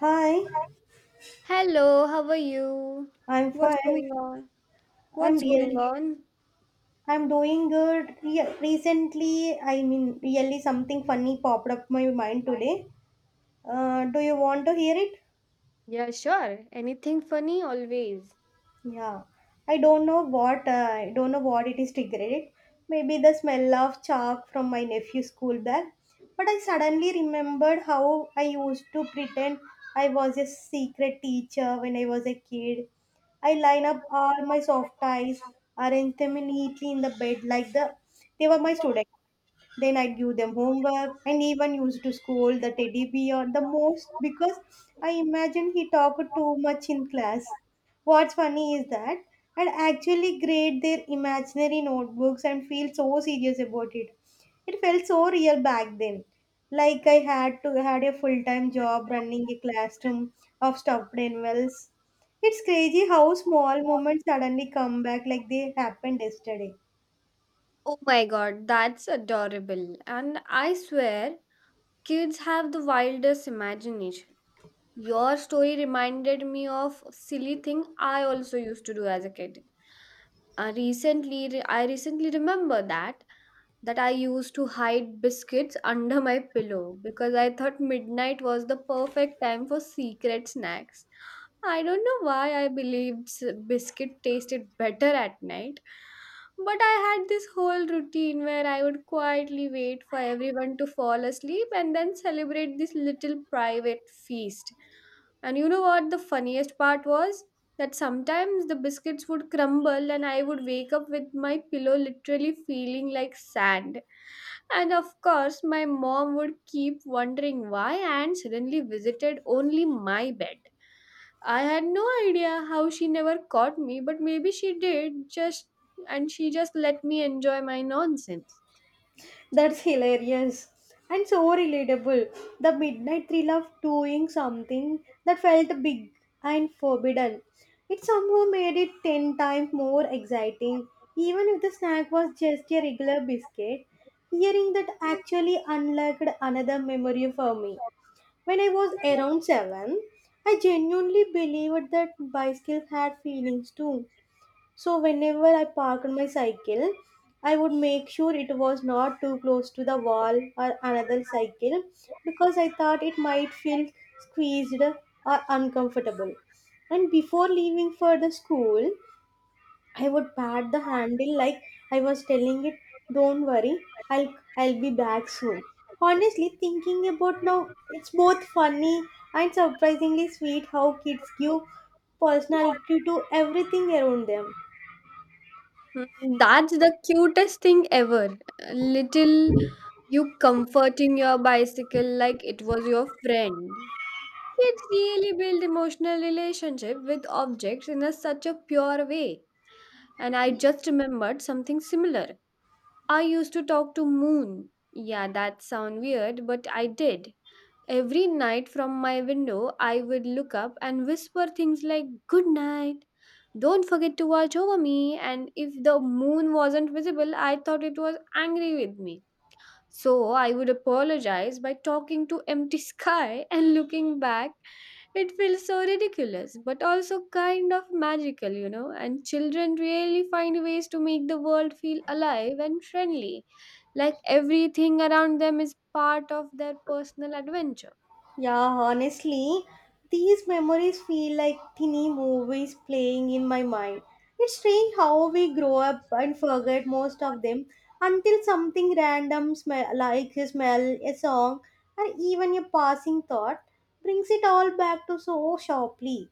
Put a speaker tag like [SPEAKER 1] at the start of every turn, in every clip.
[SPEAKER 1] Hi,
[SPEAKER 2] Hello, how are you?
[SPEAKER 1] I'm
[SPEAKER 2] What's
[SPEAKER 1] fine.
[SPEAKER 2] going on?
[SPEAKER 1] I'm
[SPEAKER 2] What's going
[SPEAKER 1] really,
[SPEAKER 2] on?
[SPEAKER 1] I'm doing good. Re- recently, I mean, really something funny popped up my mind today. Do you want to hear it?
[SPEAKER 2] Yeah, sure. Anything funny always.
[SPEAKER 1] Yeah, I don't know what it is triggered. It. Maybe the smell of chalk from my nephew's school bag. But I suddenly remembered how I used to pretend I was a secret teacher when I was a kid. I line up all my soft ties, arrange them neatly in the bed like they were my students. Then I'd give them homework and even used to scold the teddy bear the most because I imagine he talked too much in class. What's funny is that I'd actually grade their imaginary notebooks and feel so serious about it. It felt so real back then. Like I had a full time job running a classroom of stuffed animals. It's crazy how small moments suddenly come back like they happened yesterday.
[SPEAKER 2] Oh my god, that's adorable. And I swear, kids have the wildest imagination. Your story reminded me of silly thing I also used to do as a kid. I recently remember that I used to hide biscuits under my pillow because I thought midnight was the perfect time for secret snacks. I don't know why I believed biscuit tasted better at night, but I had this whole routine where I would quietly wait for everyone to fall asleep and then celebrate this little private feast. And you know what the funniest part was? That sometimes the biscuits would crumble and I would wake up with my pillow literally feeling like sand. And of course, my mom would keep wondering why Anne suddenly visited only my bed. I had no idea how she never caught me, but maybe she did just and she just let me enjoy my nonsense.
[SPEAKER 1] That's hilarious and so relatable. The midnight thrill of doing something that felt big and forbidden. It somehow made it 10 times more exciting, even if the snack was just a regular biscuit. Hearing that actually unlocked another memory for me. When I was around 7, I genuinely believed that bicycles had feelings too, so whenever I parked my cycle, I would make sure it was not too close to the wall or another cycle because I thought it might feel squeezed or uncomfortable. And before leaving for the school, I would pat the handle like I was telling it, "Don't worry, I'll be back soon." Honestly, thinking about now, it's both funny and surprisingly sweet how kids give personality to everything around them.
[SPEAKER 2] Mm, that's the cutest thing ever. Little you comforting your bicycle like it was your friend. Kids really build emotional relationship with objects in such a pure way. And I just remembered something similar. I used to talk to moon. Yeah, that sound weird, but I did. Every night from my window, I would look up and whisper things like good night. Don't forget to watch over me. And if the moon wasn't visible, I thought it was angry with me. So I would apologize by talking to empty sky and looking back. It feels so ridiculous, but also kind of magical. And children really find ways to make the world feel alive and friendly, like everything around them is part of their personal adventure.
[SPEAKER 1] Yeah, honestly, these memories feel like tiny movies playing in my mind. It's strange how we grow up and forget most of them until something random, smell, like a smell, a song, or even a passing thought, brings it all back to so sharply.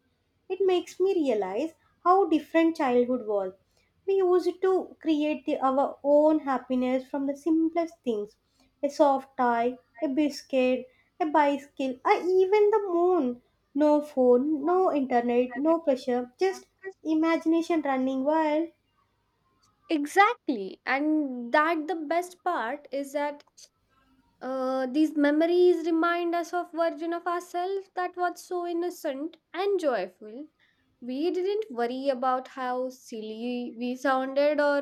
[SPEAKER 1] It makes me realize how different childhood was. We used to create our own happiness from the simplest things: a soft tie, a biscuit, a bicycle, or even the moon. No phone, no internet, no pressure, just imagination running wild.
[SPEAKER 2] Exactly, and that the best part is that these memories remind us of version of ourselves that was so innocent and joyful. We didn't worry about how silly we sounded or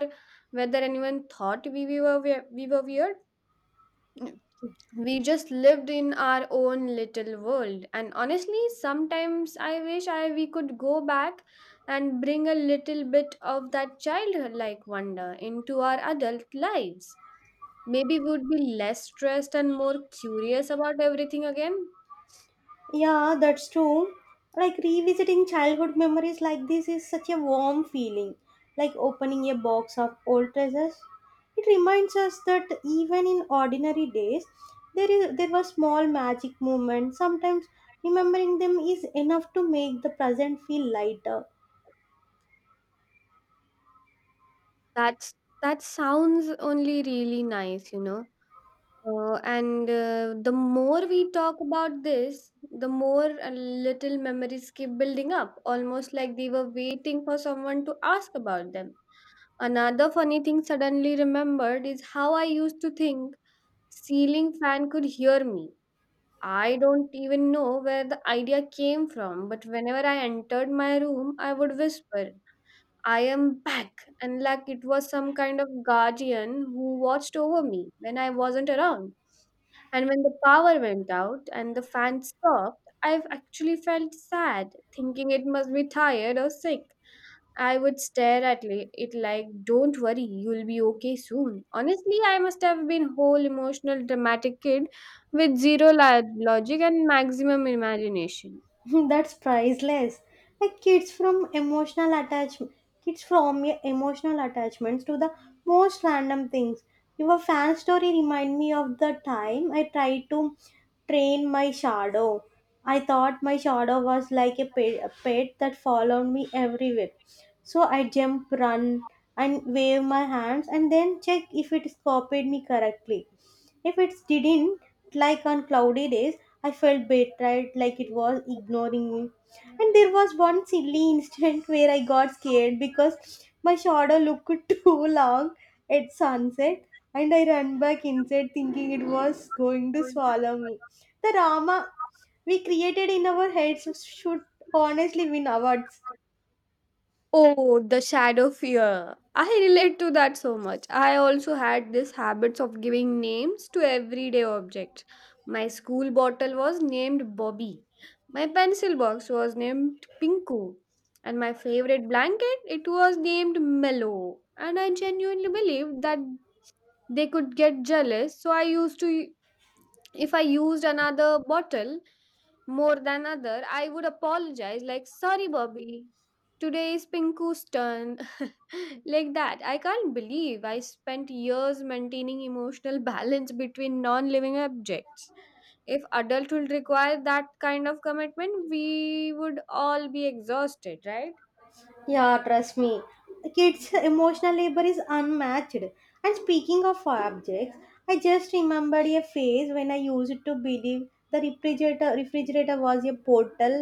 [SPEAKER 2] whether anyone thought we were weird. We just lived in our own little world, and honestly sometimes I wish I we could go back and bring a little bit of that childlike wonder into our adult lives. Maybe we would be less stressed and more curious about everything again.
[SPEAKER 1] Yeah, that's true. Like revisiting childhood memories like this is such a warm feeling, like opening a box of old treasures. It reminds us that even in ordinary days, there were small magic moments. Sometimes remembering them is enough to make the present feel lighter.
[SPEAKER 2] That's that sounds only really nice. And The more we talk about this, the more little memories keep building up, almost like they were waiting for someone to ask about them. Another funny thing suddenly remembered is how I used to think ceiling fan could hear me. I don't even know where the idea came from, but whenever I entered my room, I would whisper, I am back. And like it was some kind of guardian who watched over me when I wasn't around. And when the power went out and the fan stopped, I've actually felt sad, thinking it must be tired or sick. I would stare at it like, don't worry, you'll be okay soon. Honestly, I must have been whole emotional dramatic kid with zero logic and maximum imagination.
[SPEAKER 1] That's priceless. Like kids from emotional attachment, Kids from emotional attachments to the most random things. Your fan story remind me of the time I tried to train my shadow. I thought my shadow was like a pet that followed me everywhere. So I jump, run, and wave my hands, and then check if it copied me correctly. If it didn't, like on cloudy days, I felt betrayed, like it was ignoring me. And there was one silly instant where I got scared because my shadow looked too long at sunset and I ran back inside thinking it was going to swallow me. The Rama we created in our heads should honestly win awards.
[SPEAKER 2] Oh, the shadow fear. I relate to that so much. I also had this habits of giving names to everyday objects. My school bottle was named Bobby. My pencil box was named Pinku. And my favorite blanket, it was named Mellow. And I genuinely believed that they could get jealous, so I used to if I used another bottle more than other, I would apologize like sorry Bobby. Today is Pinku's turn. Like that, I can't believe I spent years maintaining emotional balance between non living objects. If adulthood required that kind of commitment, we would all be exhausted, right?
[SPEAKER 1] Yeah, trust me. Kids' emotional labor is unmatched. And speaking of objects, I just remembered a phase when I used to believe the refrigerator was a portal.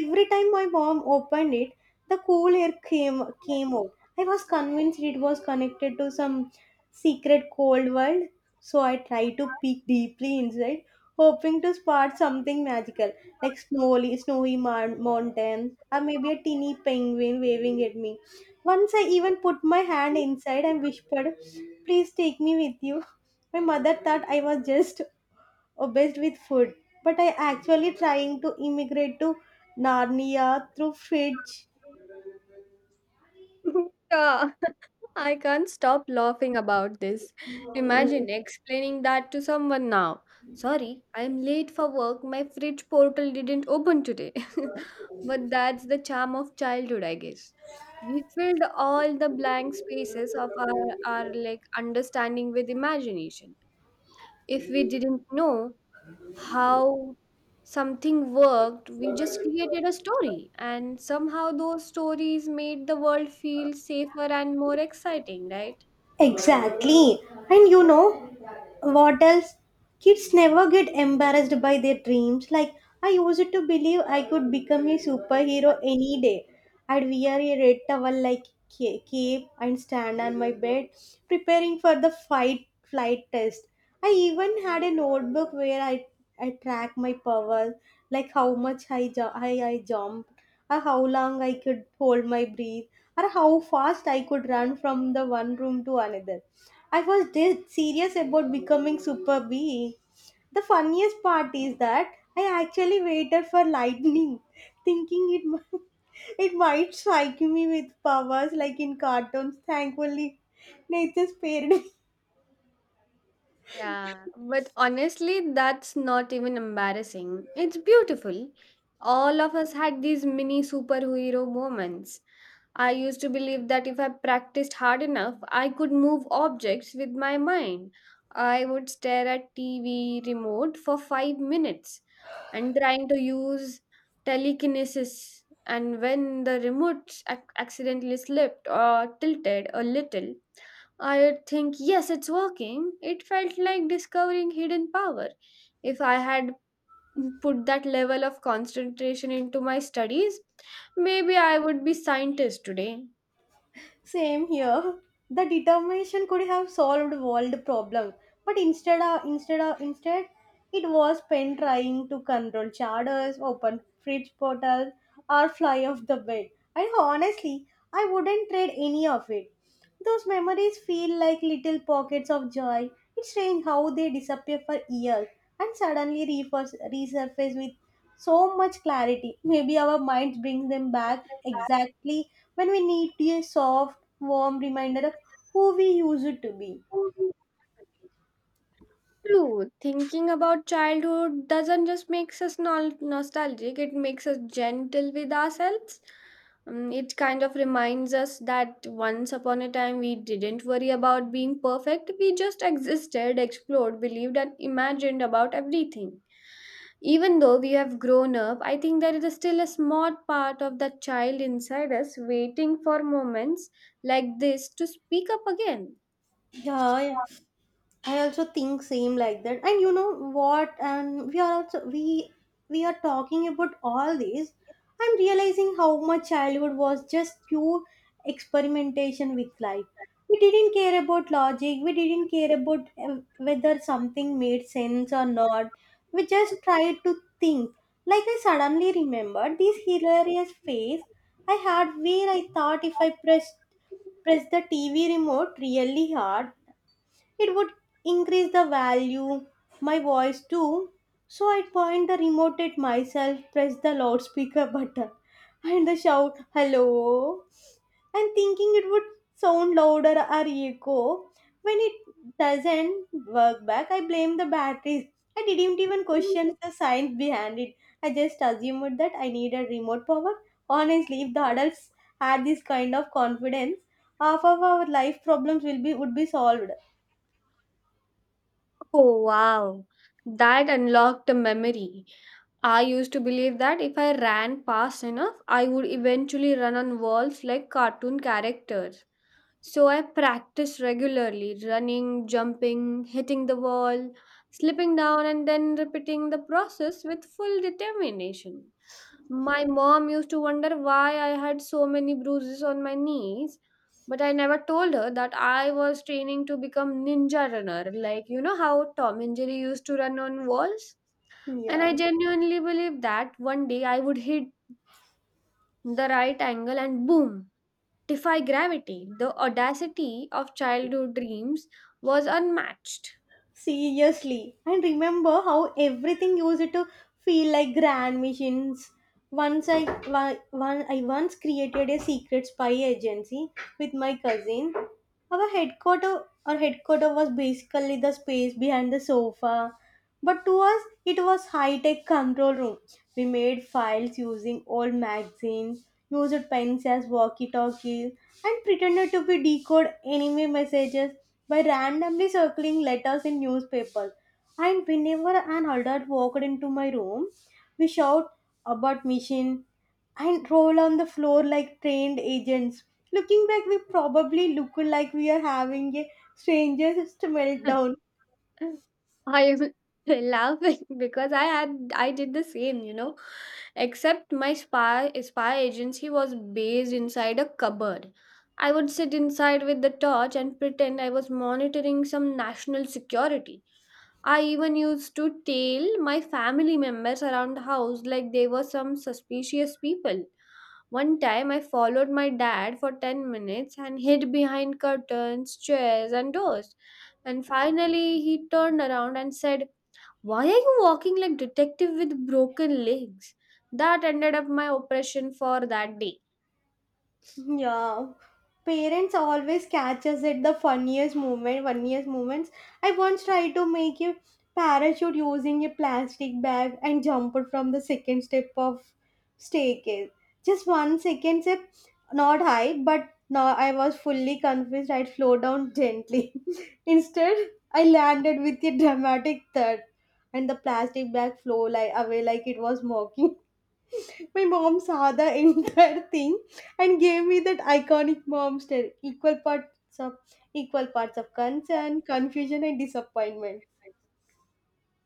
[SPEAKER 1] Every time my mom opened it, the cool air came out. I was convinced it was connected to some secret cold world, so I tried to peek deeply inside, hoping to spot something magical, like snowy mountain or maybe a teeny penguin waving at me. Once I even put my hand inside and whispered, "Please take me with you." My mother thought I was just obsessed with food, but I actually trying to immigrate to Narnia through Fitch.
[SPEAKER 2] Yeah. I can't stop laughing about this. Imagine explaining that to someone now. Sorry, I'm late for work. My fridge portal didn't open today. But that's the charm of childhood, I guess. We filled all the blank spaces of our like understanding with imagination. If we didn't know how something worked, we just created a story. And somehow those stories made the world feel safer and more exciting, right?
[SPEAKER 1] Exactly. And you know what else? Kids never get embarrassed by their dreams. Like, I used to believe I could become a superhero any day. I'd wear a red towel like cape and stand on my bed preparing for the fight flight test. I even had a notebook where I track my powers, like how much I jump or how long I could hold my breath, or how fast I could run from the one room to another. I was dead serious about becoming super being. The funniest part is that I actually waited for lightning, thinking it might strike me with powers like in cartoons. Thankfully, nature spared me.
[SPEAKER 2] Yeah, but honestly, that's not even embarrassing. It's beautiful. All of us had these mini superhero moments. I used to believe that if I practiced hard enough, I could move objects with my mind. I would stare at TV remote for 5 minutes and trying to use telekinesis. And when the remote accidentally slipped or tilted a little, I'd think, yes, it's working. It felt like discovering hidden power. If I had put that level of concentration into my studies, maybe I would be scientist today.
[SPEAKER 1] Same here. The determination could have solved world problem, but instead, it was Penn trying to control charters, open fridge portals, or fly off the bed. And honestly, I wouldn't trade any of it. Those memories feel like little pockets of joy. It's strange how they disappear for years and suddenly resurface with so much clarity. Maybe our minds brings them back exactly when we need a soft, warm reminder of who we used to be.
[SPEAKER 2] True. Thinking about childhood doesn't just makes us nostalgic, it makes us gentle with ourselves. It kind of reminds us that once upon a time we didn't worry about being perfect, we just existed, explored, believed, and imagined about everything. Even though we have grown up, I think there is still a small part of that child inside us waiting for moments like this to speak up again.
[SPEAKER 1] Yeah, I also think same like that. And you know what? And we are also we We are talking about all these. I'm realizing how much childhood was just pure experimentation with life. We didn't care about logic. We didn't care about whether something made sense or not. We just tried to think. Like I suddenly remembered this hilarious phase I had where I thought if I press the TV remote really hard, it would increase the value, my voice too. So I point the remote at myself, press the loudspeaker button, and the shout, hello, and thinking it would sound louder or echo. When it doesn't work back, I blame the batteries. I didn't even question the science behind it. I just assumed that I needed remote power. Honestly, if the adults had this kind of confidence, half of our life problems will be would be solved.
[SPEAKER 2] Oh wow, that unlocked a memory. I used to believe that if I ran fast enough, I would eventually run on walls like cartoon characters. So I practiced regularly running, jumping, hitting the wall, slipping down, and then repeating the process with full determination. My mom used to wonder why I had so many bruises on my knees, but I never told her that I was training to become ninja runner, like you know how Tom and Jerry used to run on walls. And
[SPEAKER 1] Yeah,
[SPEAKER 2] I genuinely believe that one day I would hit the right angle and boom, defy gravity. The audacity of childhood dreams was unmatched.
[SPEAKER 1] seriously. And remember how everything used to feel like grand missions. Once I wa- one I once created a secret spy agency with my cousin. Our headquarter was basically the space behind the sofa. But to us, it was high-tech control room. We made files using old magazines, used pens as walkie-talkies, and pretended to be decode enemy messages by randomly circling letters in newspapers. And whenever an adult walked into my room, we shout about machine and roll on the floor like trained agents. Looking back, we probably look like we are having a stranger's meltdown.
[SPEAKER 2] I am laughing because I did the same. Except my spy agency was based inside a cupboard. I would sit inside with the torch and pretend I was monitoring some national security. I even used to tell my family members around the house like they were some suspicious people. One time I followed my dad for 10 minutes and hid behind curtains, chairs, and doors. And finally, he turned around and said, why are you walking like detective with broken legs? That ended up my oppression for that day.
[SPEAKER 1] Yeah. Parents always catch us at the funniest moments. I once tried to make a parachute using a plastic bag and jumped from the second step of staircase. Just one second step, not high, but now I was fully convinced I'd flow down gently. Instead, I landed with a dramatic thud and the plastic bag flew away like it was mocking. My mom saw the entire thing and gave me that iconic mom stare. Equal parts of concern, confusion, and disappointment.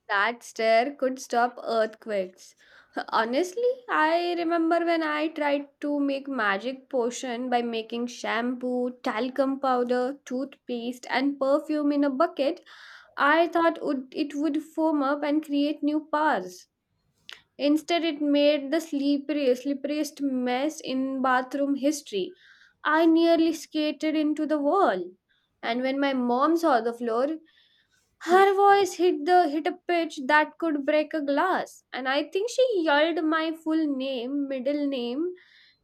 [SPEAKER 2] That stair could stop earthquakes. Honestly, I remember when I tried to make magic potion by making shampoo, talcum powder, toothpaste, and perfume in a bucket. I thought it would foam up and create new powers. Instead, it made the slipperiest mess in bathroom history. I nearly skated into the wall. And when my mom saw the floor, her voice hit a pitch that could break a glass, and I think she yelled my full name, middle name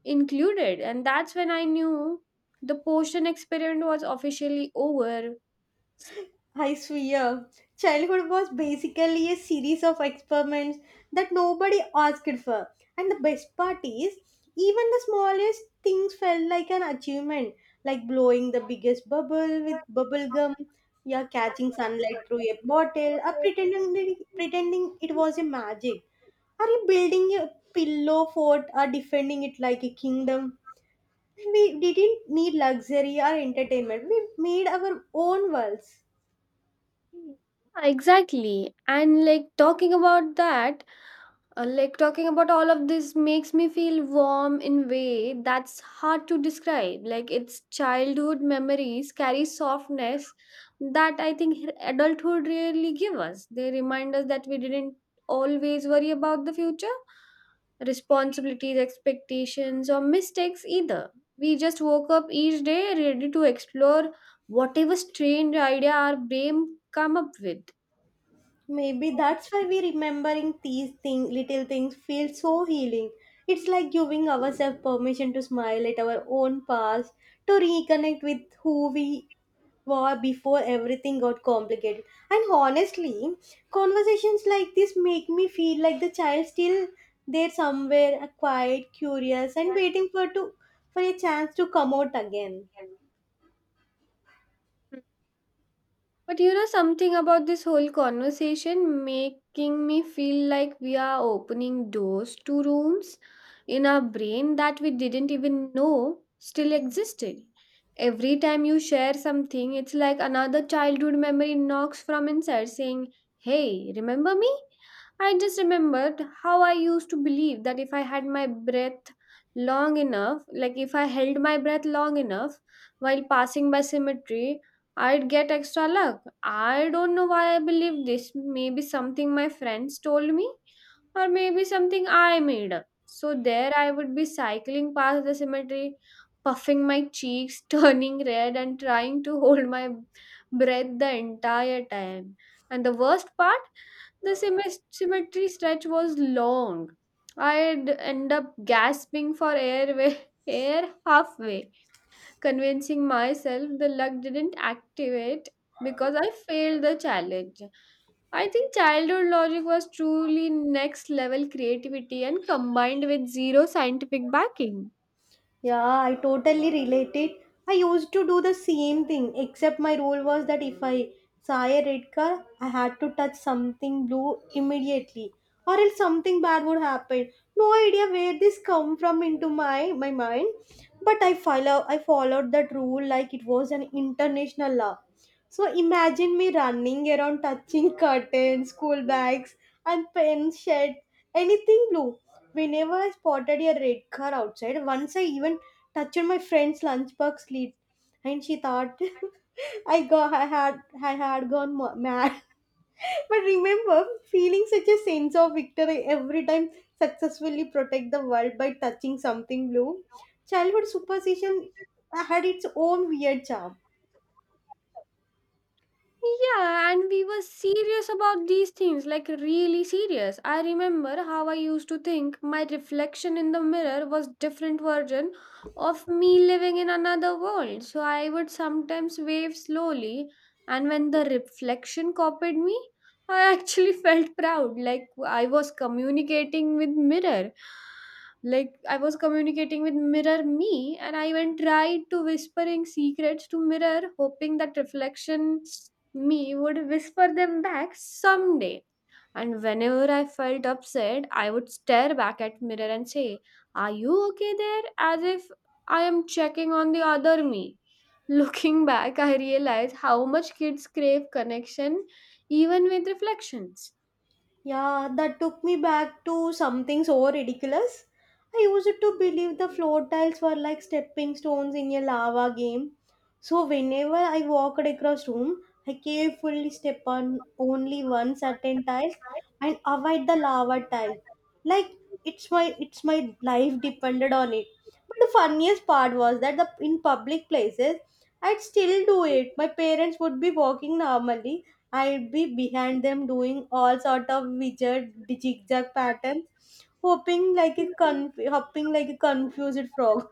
[SPEAKER 2] included, and that's when I knew the potion experiment was officially over. Yeah,
[SPEAKER 1] I swear, childhood was basically a series of experiments that nobody asked for. And the best part is, even the smallest things felt like an achievement, like blowing the biggest bubble with bubble gum, yeah, catching sunlight through a bottle, or pretending it was a magic. Are you building a pillow fort or defending it like a kingdom? We didn't need luxury or entertainment. We made our own worlds.
[SPEAKER 2] exactly, and like talking about all of this makes me feel warm in way that's hard to describe, like its childhood memories carry softness that I think adulthood really give us. They remind us that we didn't always worry about the future, responsibilities, expectations, or mistakes either. We just woke up each day ready to explore whatever strange idea our brain come up with.
[SPEAKER 1] Maybe that's why we remembering these little things feel so healing. It's like giving ourselves permission to smile at our own past, to reconnect with who we were before everything got complicated. And honestly, conversations like this make me feel like the child still there somewhere, quiet, curious, and waiting for to for a chance to come out again.
[SPEAKER 2] But you know something about this whole conversation making me feel like we are opening doors to rooms in our brain that we didn't even know still existed. Every time you share something, it's like another childhood memory knocks from inside saying, hey, remember me? I just remembered how I used to believe that if I had my breath long enough, like if I held my breath long enough while passing by cemetery, I'd get extra luck. I don't know why I believe this. Maybe something my friends told me, or maybe something I made up. So there I would be cycling past the cemetery, puffing my cheeks, turning red, and trying to hold my breath the entire time. And the worst part, the cemetery stretch was long. I'd end up gasping for air, air halfway convincing myself the luck didn't activate because I failed the challenge. I think childhood logic was truly next level creativity and combined with zero scientific backing.
[SPEAKER 1] Yeah, I totally related. I used to do the same thing, except my rule was that if I saw a red car, I had to touch something blue immediately, or else something bad would happen. No idea where this come from into my mind, but I followed that rule like it was an international law. So imagine me running around touching curtains, school bags, and pen shed, anything blue. Whenever I spotted a red car outside, once I even touched my friend's lunchbox lid, and she thought I had gone mad. But remember, feeling such a sense of victory every time successfully protect the world by touching something blue. Childhood superstition had its own weird charm.
[SPEAKER 2] Yeah, and we were serious about these things, like really serious. I remember how I used to think my reflection in the mirror was different version of me living in another world. So I would sometimes wave slowly, and when the reflection copied me, I actually felt proud, like I was communicating with mirror. Like I was communicating with mirror me, and I even tried to whispering secrets to mirror, hoping that reflection me would whisper them back someday. And whenever I felt upset, I would stare back at mirror and say, "Are you okay there?" as if I am checking on the other me. Looking back, I realize how much kids crave connection even with reflections.
[SPEAKER 1] Yeah, that took me back to something so ridiculous. I used to believe the floor tiles were like stepping stones in a lava game. So whenever I walked across room, I carefully step on only one certain tile and avoid the lava tile. Like it's my life depended on it. But the funniest part was that the in public places I'd still do it. My parents would be walking normally, I'd be behind them doing all sort of weird zigzag patterns, hopping like a hopping like a confused frog.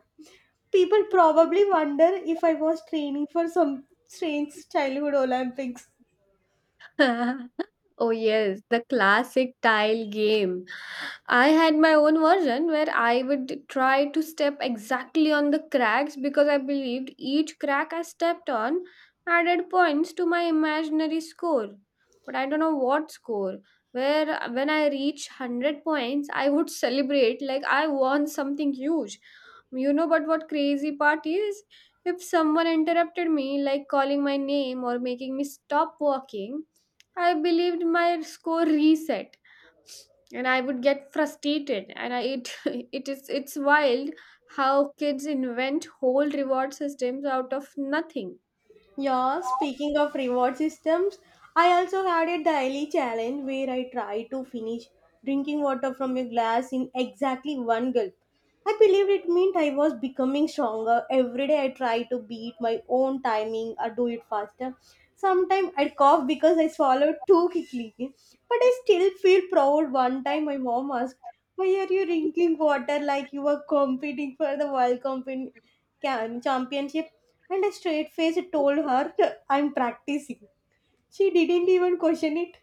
[SPEAKER 1] People probably wonder if I was training for some strange childhood Olympics.
[SPEAKER 2] Oh yes, the classic tile game. I had my own version where I would try to step exactly on the cracks because I believed each crack I stepped on added points to my imaginary score. But I don't know what score. Where when I reach 100 points, I would celebrate like I won something huge. But what crazy part is? If someone interrupted me, like calling my name or making me stop walking, I believed my score reset and I would get frustrated and it it's wild how kids invent whole reward systems out of nothing.
[SPEAKER 1] Yeah, speaking of reward systems, I also had a daily challenge where I tried to finish drinking water from a glass in exactly one gulp. I believed it meant I was becoming stronger. Every day I tried to beat my own timing or do it faster. Sometimes I'd cough because I swallowed too quickly. But I still feel proud. One time my mom asked, why are you drinking water like you were competing for the World Cup Championship? And a straight face told her, I'm practicing. She didn't even question it.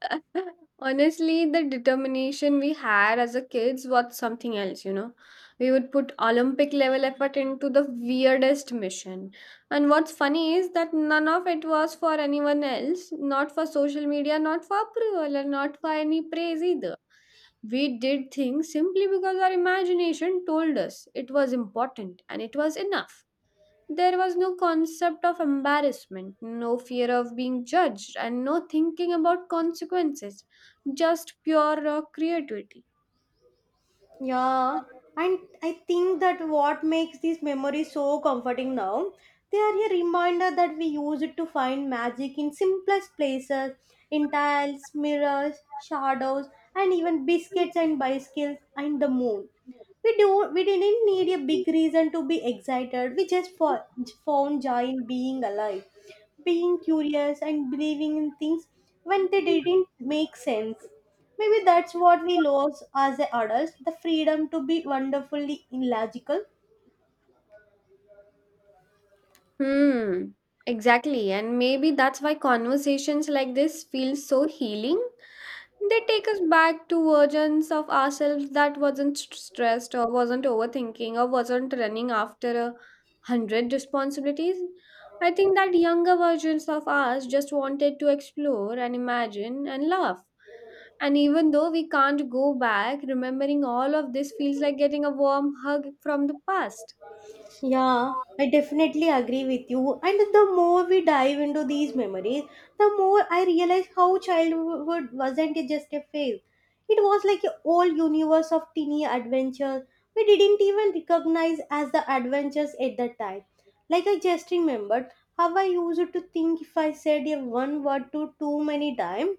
[SPEAKER 2] Honestly, the determination we had as a kids was something else, you know. We would put Olympic level effort into the weirdest mission. And what's funny is that none of it was for anyone else, not for social media, not for approval, and not for any praise either. We did things simply because our imagination told us it was important and it was enough. There was no concept of embarrassment, no fear of being judged, and no thinking about consequences, just pure raw creativity.
[SPEAKER 1] Yeah, and I think that what makes these memories so comforting now, they are a reminder that we use it to find magic in simplest places, in tiles, mirrors, shadows, and even biscuits and bicycles and the moon. we do we didn't need a big reason to be excited, we just found joy in being alive, being curious and believing in things when they didn't make sense. Maybe that's what we lost as adults, the freedom to be wonderfully illogical.
[SPEAKER 2] Hmm, exactly. And maybe that's why conversations like this feel so healing. They take us back to versions of ourselves that wasn't st- stressed or wasn't overthinking or wasn't running after a hundred responsibilities. I think that younger versions of us just wanted to explore and imagine and laugh. And even though we can't go back, remembering all of this feels like getting a warm hug from the past.
[SPEAKER 1] Yeah, I definitely agree with you. And the more we dive into these memories, the more I realize how childhood wasn't just a phase. It was like a whole universe of teeny adventures we didn't even recognize as the adventures at that time. Like, I just remembered how I used to think if I said a one word to too many times,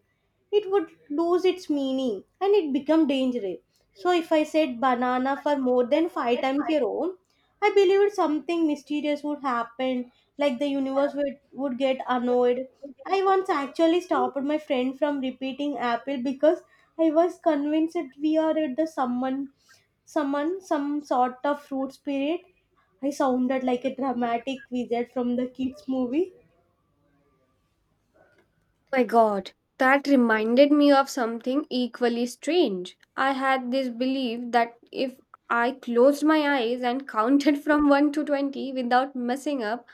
[SPEAKER 1] it would lose its meaning and it become dangerous. So if I said banana for more than five times your own, I believed something mysterious would happen, like the universe would get annoyed. I once actually stopped my friend from repeating apple because I was convinced that we are at the some sort of fruit spirit. I sounded like a dramatic wizard from the kids movie.
[SPEAKER 2] My god, that reminded me of something equally strange. I had this belief that if I closed my eyes and counted from 1 to 20 without messing up,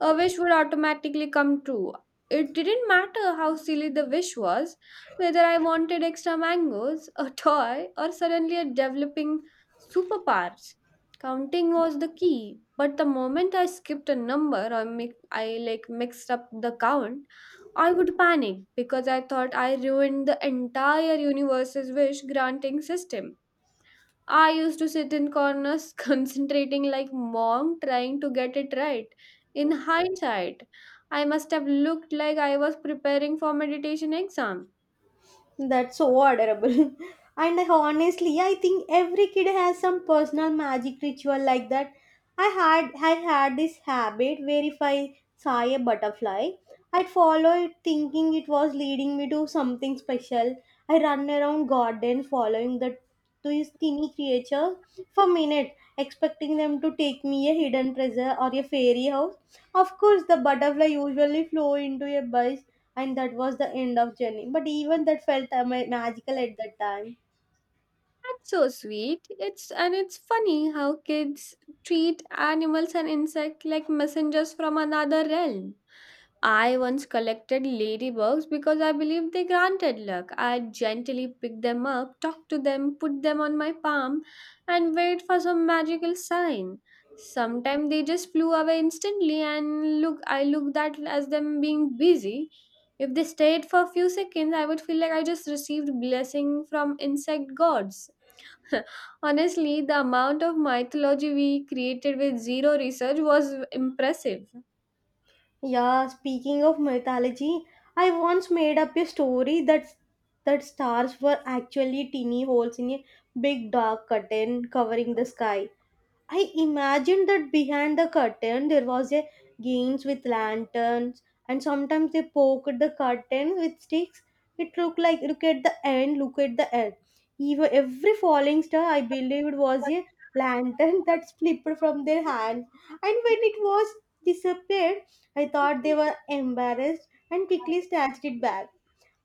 [SPEAKER 2] a wish would automatically come true. It didn't matter how silly the wish was, whether I wanted extra mangoes, a toy, or suddenly a developing superpowers. Counting was the key, but the moment I skipped a number or I mixed up the count, I would panic because I thought I ruined the entire universe's wish granting system. I used to sit in corners concentrating like mom trying to get it right. In hindsight, I must have looked like I was preparing for meditation exam.
[SPEAKER 1] That's so adorable. And I- honestly, I think every kid has some personal magic ritual like that. I had this habit where if I saw a butterfly, I'd follow it thinking it was leading me to something special. I run around garden following the to his tiny creature for minutes, expecting them to take me a hidden treasure or a fairy house. Of course, the butterfly usually flew into a bus, and that was the end of journey. But even that felt magical at that time.
[SPEAKER 2] That's so sweet. It's and it's funny how kids treat animals and insects like messengers from another realm. I once collected ladybugs because I believed they granted luck. I gently picked them up, talked to them, put them on my palm, and wait for some magical sign. Sometimes they just flew away instantly, and look, I looked at as them being busy. If they stayed for a few seconds, I would feel like I just received blessing from insect gods. Honestly, the amount of mythology we created with zero research was impressive.
[SPEAKER 1] Yeah, speaking of mythology, I once made up a story that stars were actually teeny holes in a big dark curtain covering the sky. I imagined that behind the curtain there was a games with lanterns and sometimes they poked the curtain with sticks. It looked like look at the end, look at the end. Even every falling star I believed was a lantern that slipped from their hand. And when it was disappeared, I thought they were embarrassed and quickly snatched it back.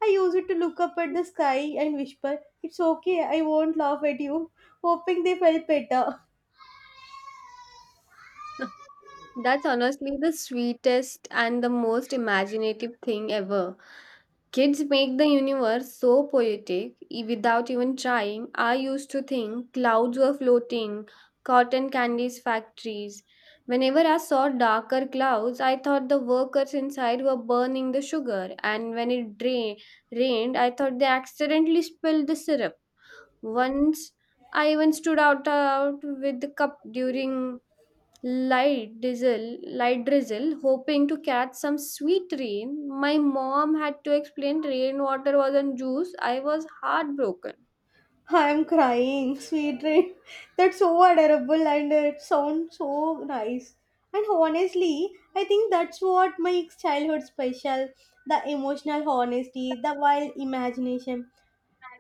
[SPEAKER 1] I used to look up at the sky and whisper, it's okay, I won't laugh at you, hoping they felt better.
[SPEAKER 2] That's honestly the sweetest and the most imaginative thing ever. Kids make the universe so poetic without even trying. I used to think clouds were floating, cotton candies factories. Whenever I saw darker clouds, I thought the workers inside were burning the sugar, and when rained, I thought they accidentally spilled the syrup. Once I even stood out with the cup during light drizzle, hoping to catch some sweet rain. My mom had to explain rainwater wasn't juice. I was heartbroken.
[SPEAKER 1] I'm crying, sweet dream. That's so adorable and it sounds so nice. And honestly, I think that's what makes childhood special, the emotional honesty, the wild imagination,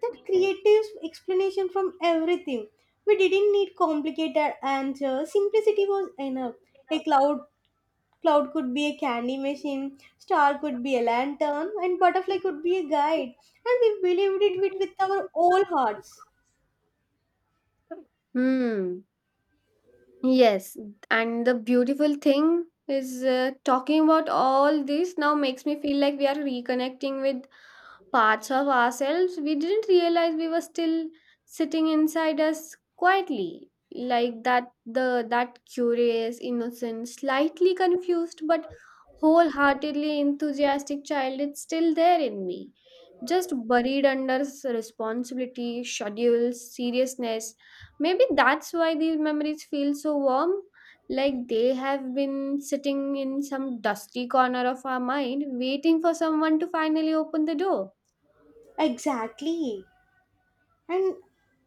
[SPEAKER 1] that creative explanation from everything. We didn't need complicated answers, simplicity was enough. A cloud could be a candy machine, star could be a lantern, and butterfly could be a guide. And we believed it with our whole hearts.
[SPEAKER 2] Hmm. Yes, and the beautiful thing is talking about all this now makes me feel like we are reconnecting with parts of ourselves we didn't realize we were still sitting inside us quietly, like the that curious innocent slightly confused but wholeheartedly enthusiastic child it's still there in me, just buried under responsibility schedules seriousness. Maybe that's why these memories feel so warm, like they have been sitting in some dusty corner of our mind waiting for someone to finally open the door.
[SPEAKER 1] Exactly. And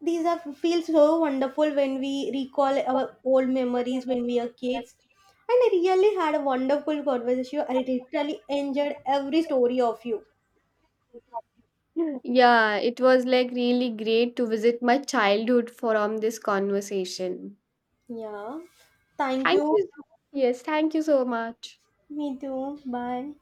[SPEAKER 1] these are feel so wonderful when we recall our old memories when we are kids. And I really had a wonderful conversation. I literally enjoyed every story of you.
[SPEAKER 2] Yeah, it was like really great to visit my childhood from this conversation.
[SPEAKER 1] Yeah. Thank
[SPEAKER 2] Thank
[SPEAKER 1] you.
[SPEAKER 2] you. Yes, thank you so much.
[SPEAKER 1] Me too. Bye.